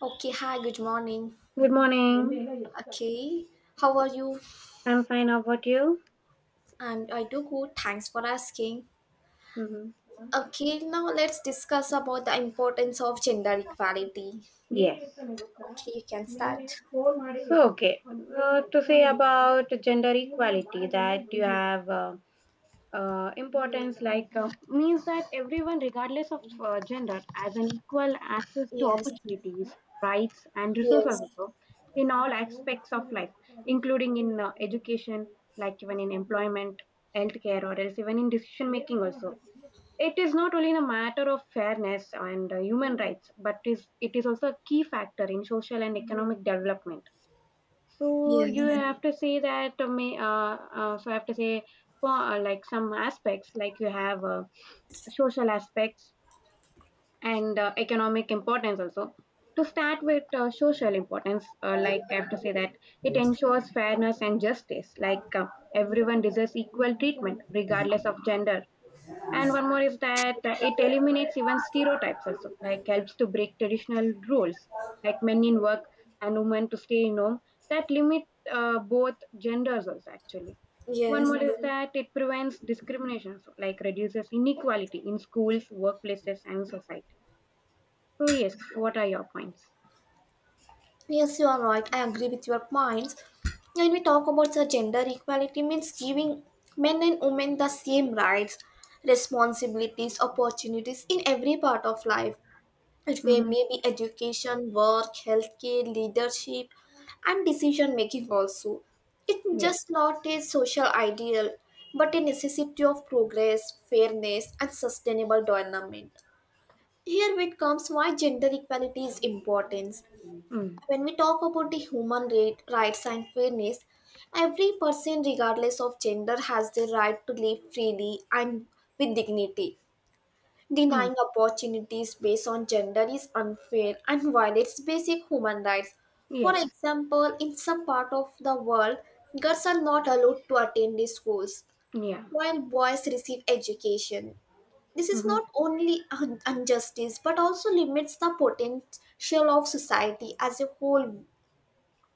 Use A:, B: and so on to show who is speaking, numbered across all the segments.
A: Okay, hi, good morning.
B: Good morning.
A: Okay, how are you?
B: I'm fine. How about you?
A: I do good, thanks for asking.
B: hmm
A: Okay, now let's discuss about the importance of gender equality.
B: Yes.
A: Okay, you can start.
B: So, okay. To say about gender equality, that you have importance means that everyone, regardless of gender, has an equal access to
A: Yes,
B: opportunities, rights and resources
A: yes,
B: also, in all aspects of life, including in education, like even in employment, healthcare, or else even in decision making also. It is not only a matter of fairness and human rights, but is also a key factor in social and economic development. So you
A: yes,
B: have to say that may so I have to say, for like some aspects, like you have social aspects and economic importance also. To start with social importance, like I have to say that it ensures fairness and justice. Everyone deserves equal treatment regardless of gender, and one more is that it eliminates even stereotypes also, like helps to break traditional roles, like men in work and women to stay in home, that limit both genders also, actually. One more
A: yes.
B: is that it prevents discrimination, so, like reduces inequality in schools, workplaces, and society. So yes, what are your points?
A: Yes, you are right. I agree with your points. When we talk about the gender equality means giving men and women the same rights, responsibilities, opportunities in every part of life. It may
B: Mm-hmm.
A: maybe education, work, healthcare, leadership, and decision making also. It's
B: Yes.
A: just not a social ideal, but a necessity of progress, fairness, and sustainable development. Here it comes why gender equality is important.
B: Mm.
A: When we talk about the human rights and fairness, every person, regardless of gender, has the right to live freely and with dignity.
B: Mm.
A: Denying opportunities based on gender is unfair and violates basic human rights. For
B: Yes.
A: example, in some part of the world, girls are not allowed to attend the schools
B: Yeah.
A: while boys receive education. This is
B: Mm-hmm.
A: not only injustice but also limits the potential of society as a whole.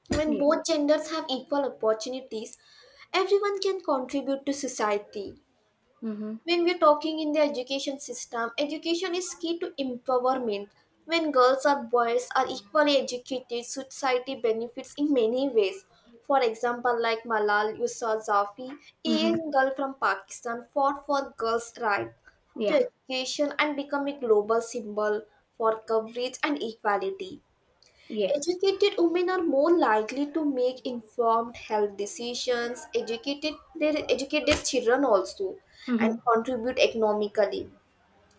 A: When
B: Yes.
A: both genders have equal opportunities, everyone can contribute to society.
B: Mm-hmm.
A: When we're talking in the education system, education is key to empowerment. When girls or boys are equally educated, society benefits in many ways. For example, like Malal Yusra, a
B: Mm-hmm.
A: young girl from Pakistan, fought for girls right to
B: Yeah.
A: education and become a global symbol for coverage and equality.
B: Yes.
A: Educated women are more likely to make informed health decisions, educated their educated children also, and
B: Mm-hmm.
A: contribute economically.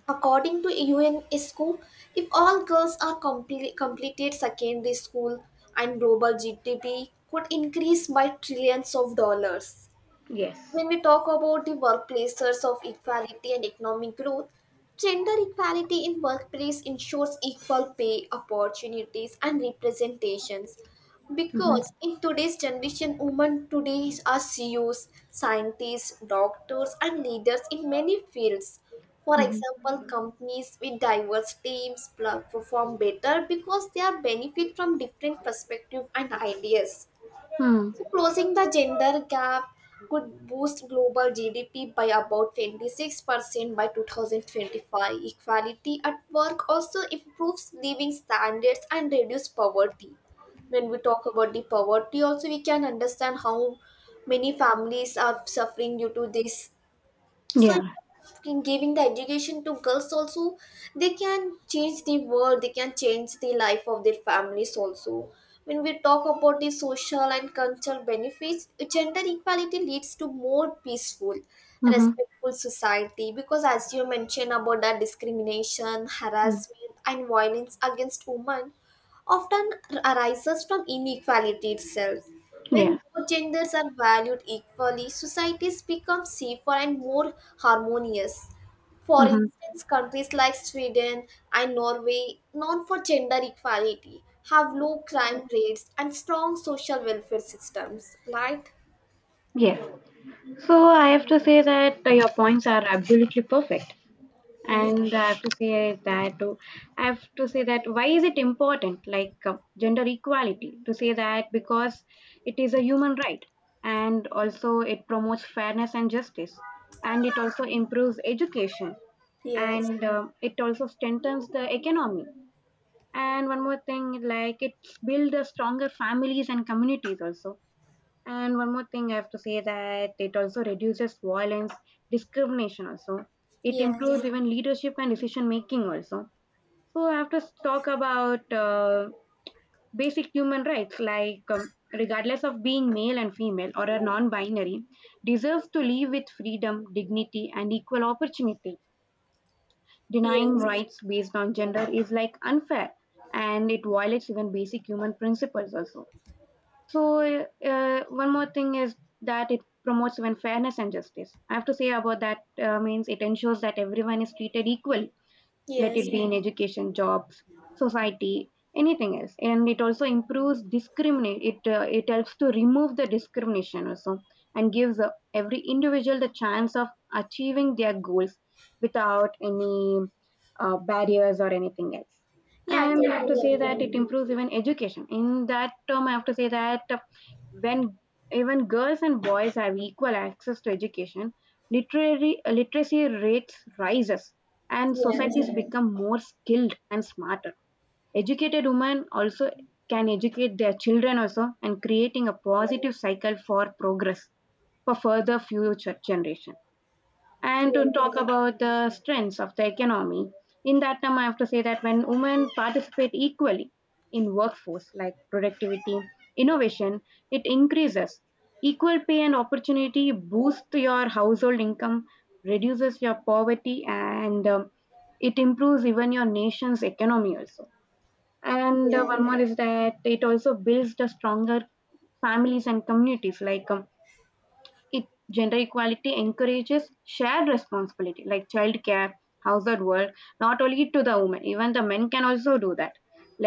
A: According to U N UNESCO, if all girls are completed secondary school and global GDP could increase by trillions of dollars.
B: Yes.
A: When we talk about the workplaces of equality and economic growth, gender equality in workplace ensures equal pay, opportunities, and representations.
B: Mm-hmm.
A: Because in today's generation, women today are CEOs, scientists, doctors, and leaders in many fields. For
B: Mm-hmm.
A: example, companies with diverse teams perform better because they are benefit from different perspectives and ideas.
B: Hmm.
A: So closing the gender gap could boost global GDP by about 26% by 2025. Equality at work also improves living standards and reduces poverty. When we talk about the poverty, also we can understand how many families are suffering due to this. So
B: Yeah.
A: if in giving the education to girls also, they can change the world, they can change the life of their families also. When we talk about the social and cultural benefits, gender equality leads to more peaceful
B: Mm-hmm.
A: respectful society because as you mentioned about that discrimination
B: Mm.
A: harassment and violence against women often arises from inequality itself. When
B: Yes.
A: both genders are valued equally, societies become safer and more harmonious. For
B: Mm-hmm.
A: instance, countries like Sweden and Norway, known for gender equality, have low crime rates and strong social welfare systems, right?
B: Yes. So I have to say that your points are absolutely perfect.
A: Yes,
B: And I have to say that I have to say that why is it important, gender equality? To say that, because it is a human right, and also it promotes fairness and justice, and it also improves education,
A: yes,
B: and it also strengthens the economy. And one more thing, like it builds stronger families and communities also. And one more thing I have to say that it also reduces violence, discrimination also. It improves
A: yes,
B: even leadership and decision making also. So I have to talk about basic human rights, like regardless of being male and female or a non-binary, deserves to live with freedom, dignity and equal opportunity. Denying
A: yes,
B: rights based on gender is like unfair, and it violates even basic human principles also. So, One more thing is that it promotes even fairness and justice. I have to say about that, means it ensures that everyone is treated equally, let it
A: yes.
B: be in education, jobs, society, anything else, and it also improves discriminate it it helps to remove the discrimination also, and gives every individual the chance of achieving their goals without any barriers or anything else.
A: Yeah, I
B: And I have to
A: totally
B: say
A: agree
B: that
A: with
B: it
A: you.
B: improves even education. In that term, I have to say that, when even girls and boys have equal access to education, literary literacy rates rises, and
A: Yes,
B: societies become more skilled and smarter. Educated women also can educate their children also, and creating a positive cycle for progress, for further future generation. And to talk
A: yes,
B: about the strengths of the economy, in that term I have to say that when women participate equally in workforce, like productivity, innovation, it increases. Equal pay and opportunity boosts your household income, reduces your poverty, and it improves even your nation's economy also. And
A: yes.
B: one more is that it also builds the stronger families and communities, like it gender equality encourages shared responsibility, like childcare, household work, not only to the women, even the men can also do that.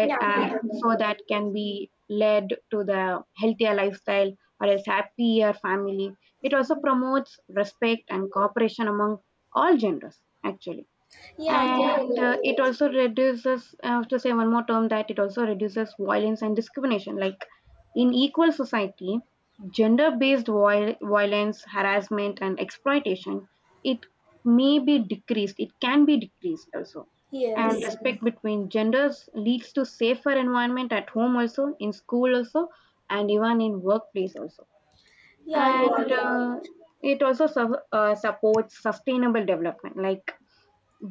A: Yeah, I
B: and
A: totally
B: so
A: agree with
B: that
A: you.
B: can be led to the healthier lifestyle, or else happier family. It also promotes respect and cooperation among all genders, actually.
A: Yeah, I
B: And
A: totally agree
B: it
A: with
B: also reduces, I have to say one more term, that it also reduces violence and discrimination, like in equal society, violence, harassment and exploitation, it it can be decreased also.
A: you.
B: And
A: Yes.
B: Yes. respect between genders leads to safer environment, at home also, in school also, and even in workplace also.
A: Yeah, you
B: And
A: are right.
B: supports sustainable development, like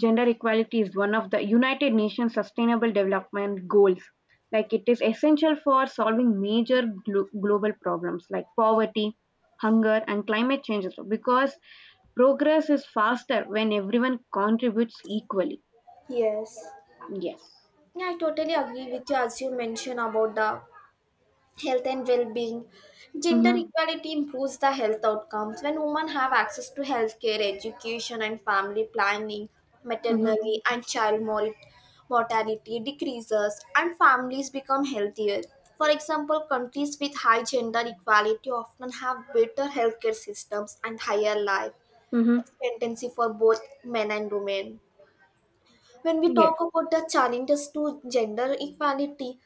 B: gender equality is one of the United Nations Sustainable Development Goals. Like it is essential for solving major global problems like poverty, hunger, and climate change as well, because progress is faster when everyone contributes equally.
A: Yes.
B: Yes.
A: Yeah, I totally agree with you as you mentioned about the health and well-being. Gender
B: Mm-hmm.
A: equality improves the health outcomes when women have access to healthcare, education, and family planning. Maternity
B: Mm-hmm.
A: and child mortality decreases, and families become healthier. For example, countries with high gender equality often have better healthcare systems and higher life
B: Mm-hmm.
A: expectancy for both men and women. When we
B: Yeah.
A: talk about the challenges to gender equality,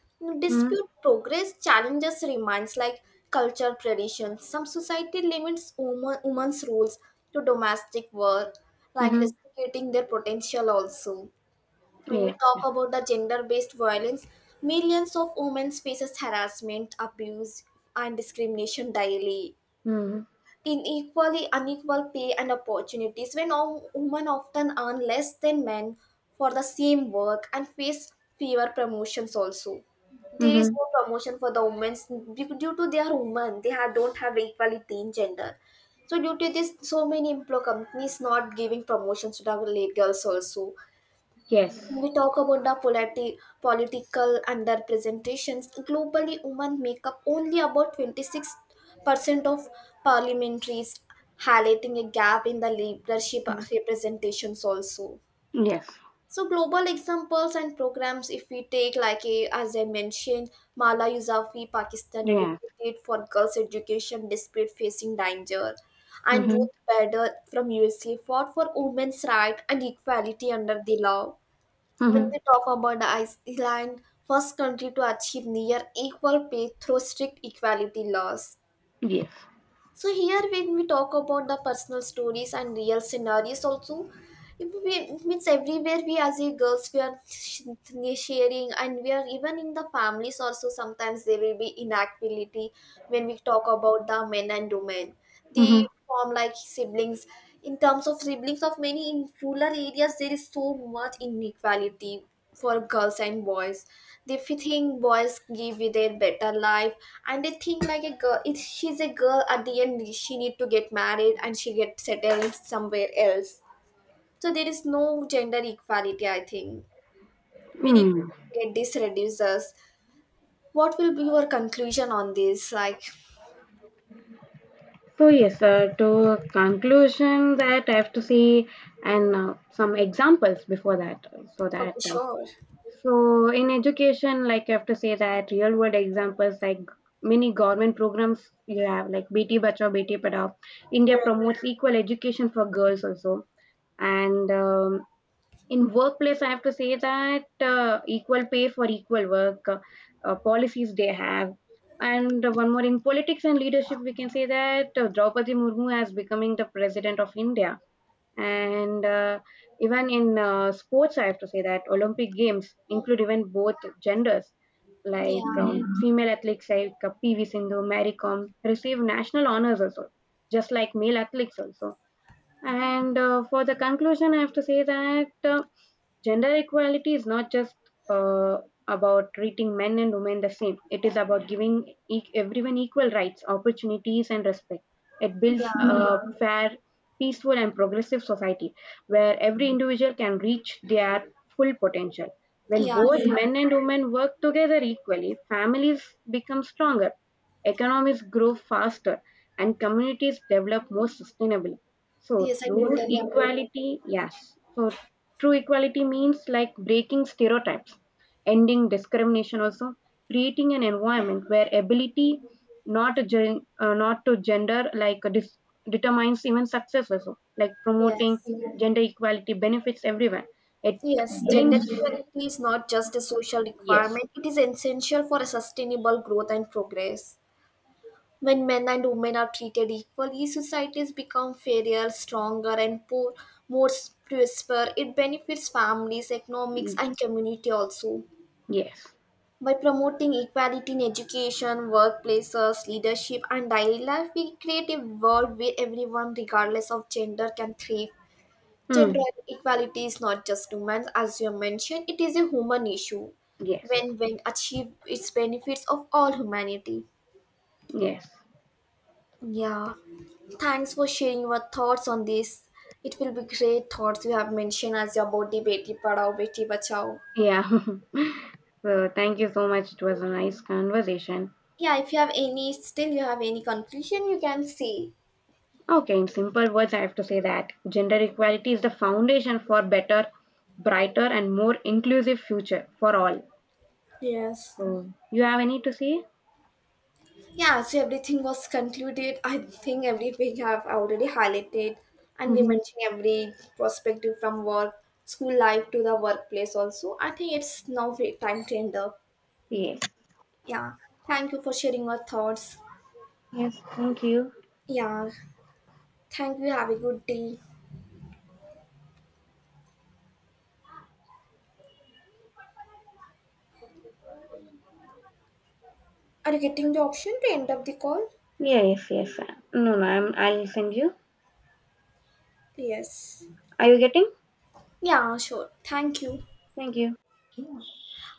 B: Mm-hmm.
A: dispute progress challenges remains like culture traditions. Some society limits women's roles to domestic work, like
B: Mm-hmm.
A: restricting their potential also. When we
B: Yeah.
A: talk about the gender-based violence, millions of women faces harassment, abuse, and discrimination daily
B: Mm-hmm.
A: in equally unequal pay and opportunities when all women often earn less than men for the same work and face fewer promotions also. There is
B: Mm-hmm.
A: no promotion for the women due to they are women, they have, don't have equality in gender. So due to this, so many employ companies not giving promotions to the girls also. When
B: Yes.
A: we talk about the political underrepresentations, globally women make up only about 26% of parliamentaries, highlighting a gap in the leadership
B: Mm.
A: representations also.
B: Yes.
A: So global examples and programs, if we take as I mentioned, Mala Yousafzai, Pakistan,
B: Yeah.
A: educated for girls education despite facing danger, and
B: Mm-hmm.
A: Ruth Bader from USA fought for women's right and equality under the law. When
B: Mm-hmm.
A: we talk about the Iceland, first country to achieve near equal pay through strict equality laws.
B: Yes.
A: So here when we talk about the personal stories and real scenarios also, we, means everywhere we as a girls we are sharing and we are even in the families also sometimes there will be inequality when we talk about the men and women.
B: Mm-hmm.
A: They form like siblings, in terms of siblings of many in rural areas there is so much inequality for girls and boys. They think boys give you their better life, and they think like a girl if she's a girl at the end she need to get married and she get settled somewhere else. So there is no gender equality, I think. We need
B: Mm.
A: to get this reducers. What will be your conclusion on this? Like,
B: So yes, to conclusion that I have to see, and some examples before that. So that
A: okay,
B: uh,
A: sure.
B: so in education, like I have to say that real world examples, like many government programs you have, like BT Bachao, BT Padhao. India
A: Yeah,
B: promotes equal education for girls also, and in workplace I have to say that equal pay for equal work, policies they have. And one more, in politics and leadership, we can say that Draupadi Murmu has becoming the President of India. And even in sports, I have to say that Olympic Games include even both genders, like
A: yeah,
B: Mhm. female athletes like PV Sindhu, Mary Kom, receive national honors also, just like male athletes also. And for the conclusion, I have to say that gender equality is not just uh, about treating men and women the same. It is about giving everyone equal rights, opportunities, and respect. It builds
A: yeah.
B: a fair, peaceful, and progressive society where every individual can reach their full potential. When
A: Yes,
B: both
A: I,
B: men and women work together equally, families become stronger, economies grow faster, and communities develop more sustainably. So
A: yes, I
B: true
A: totally agree with
B: equality, yes. So true equality means like breaking stereotypes, ending discrimination also, creating an environment where ability, not to gender, determines even success also, like
A: you.
B: promoting
A: Yes,
B: gender equality benefits everyone. It
A: yes. Gender
B: brings,
A: equality is not just a social
B: yes,
A: requirement; it is essential for a sustainable growth and progress. When men and women are treated equally, societies become fairer, stronger, and poor, more prosper. It benefits families, economics,
B: mm,
A: and community also.
B: yes,
A: By promoting equality in education, workplaces, leadership, and daily life, we create a world where everyone, regardless of gender, can thrive. Gender
B: mm,
A: equality is not just human, as you mentioned, it is a human issue.
B: yes,
A: When achieved, its benefits of all humanity.
B: yes,
A: Yeah, thanks for sharing your thoughts on this. It will be great thoughts you have mentioned as your body beti padao beti bachao.
B: yeah. So thank you so much. It was a nice conversation.
A: Yeah, if you have any, still you have any conclusion, you can say.
B: Okay, in simple words, I have to say that gender equality is the foundation for better, brighter, and more inclusive future for all.
A: Yes.
B: So, you have any to say?
A: Yeah, so everything was concluded. I think everything I've already highlighted, and we
B: Mm-hmm.
A: mentioned every perspective from work, school life to the workplace also. I think it's now time to end up.
B: Yes.
A: Yeah, thank you for sharing your thoughts.
B: Yes. Thank you.
A: Yeah, thank you. Have a good day. Are you getting the option to end up the call?
B: Yeah, yes. Yes. No. I'll send you.
A: Yes.
B: Are you getting?
A: Yeah, sure. Thank you.
B: Thank you.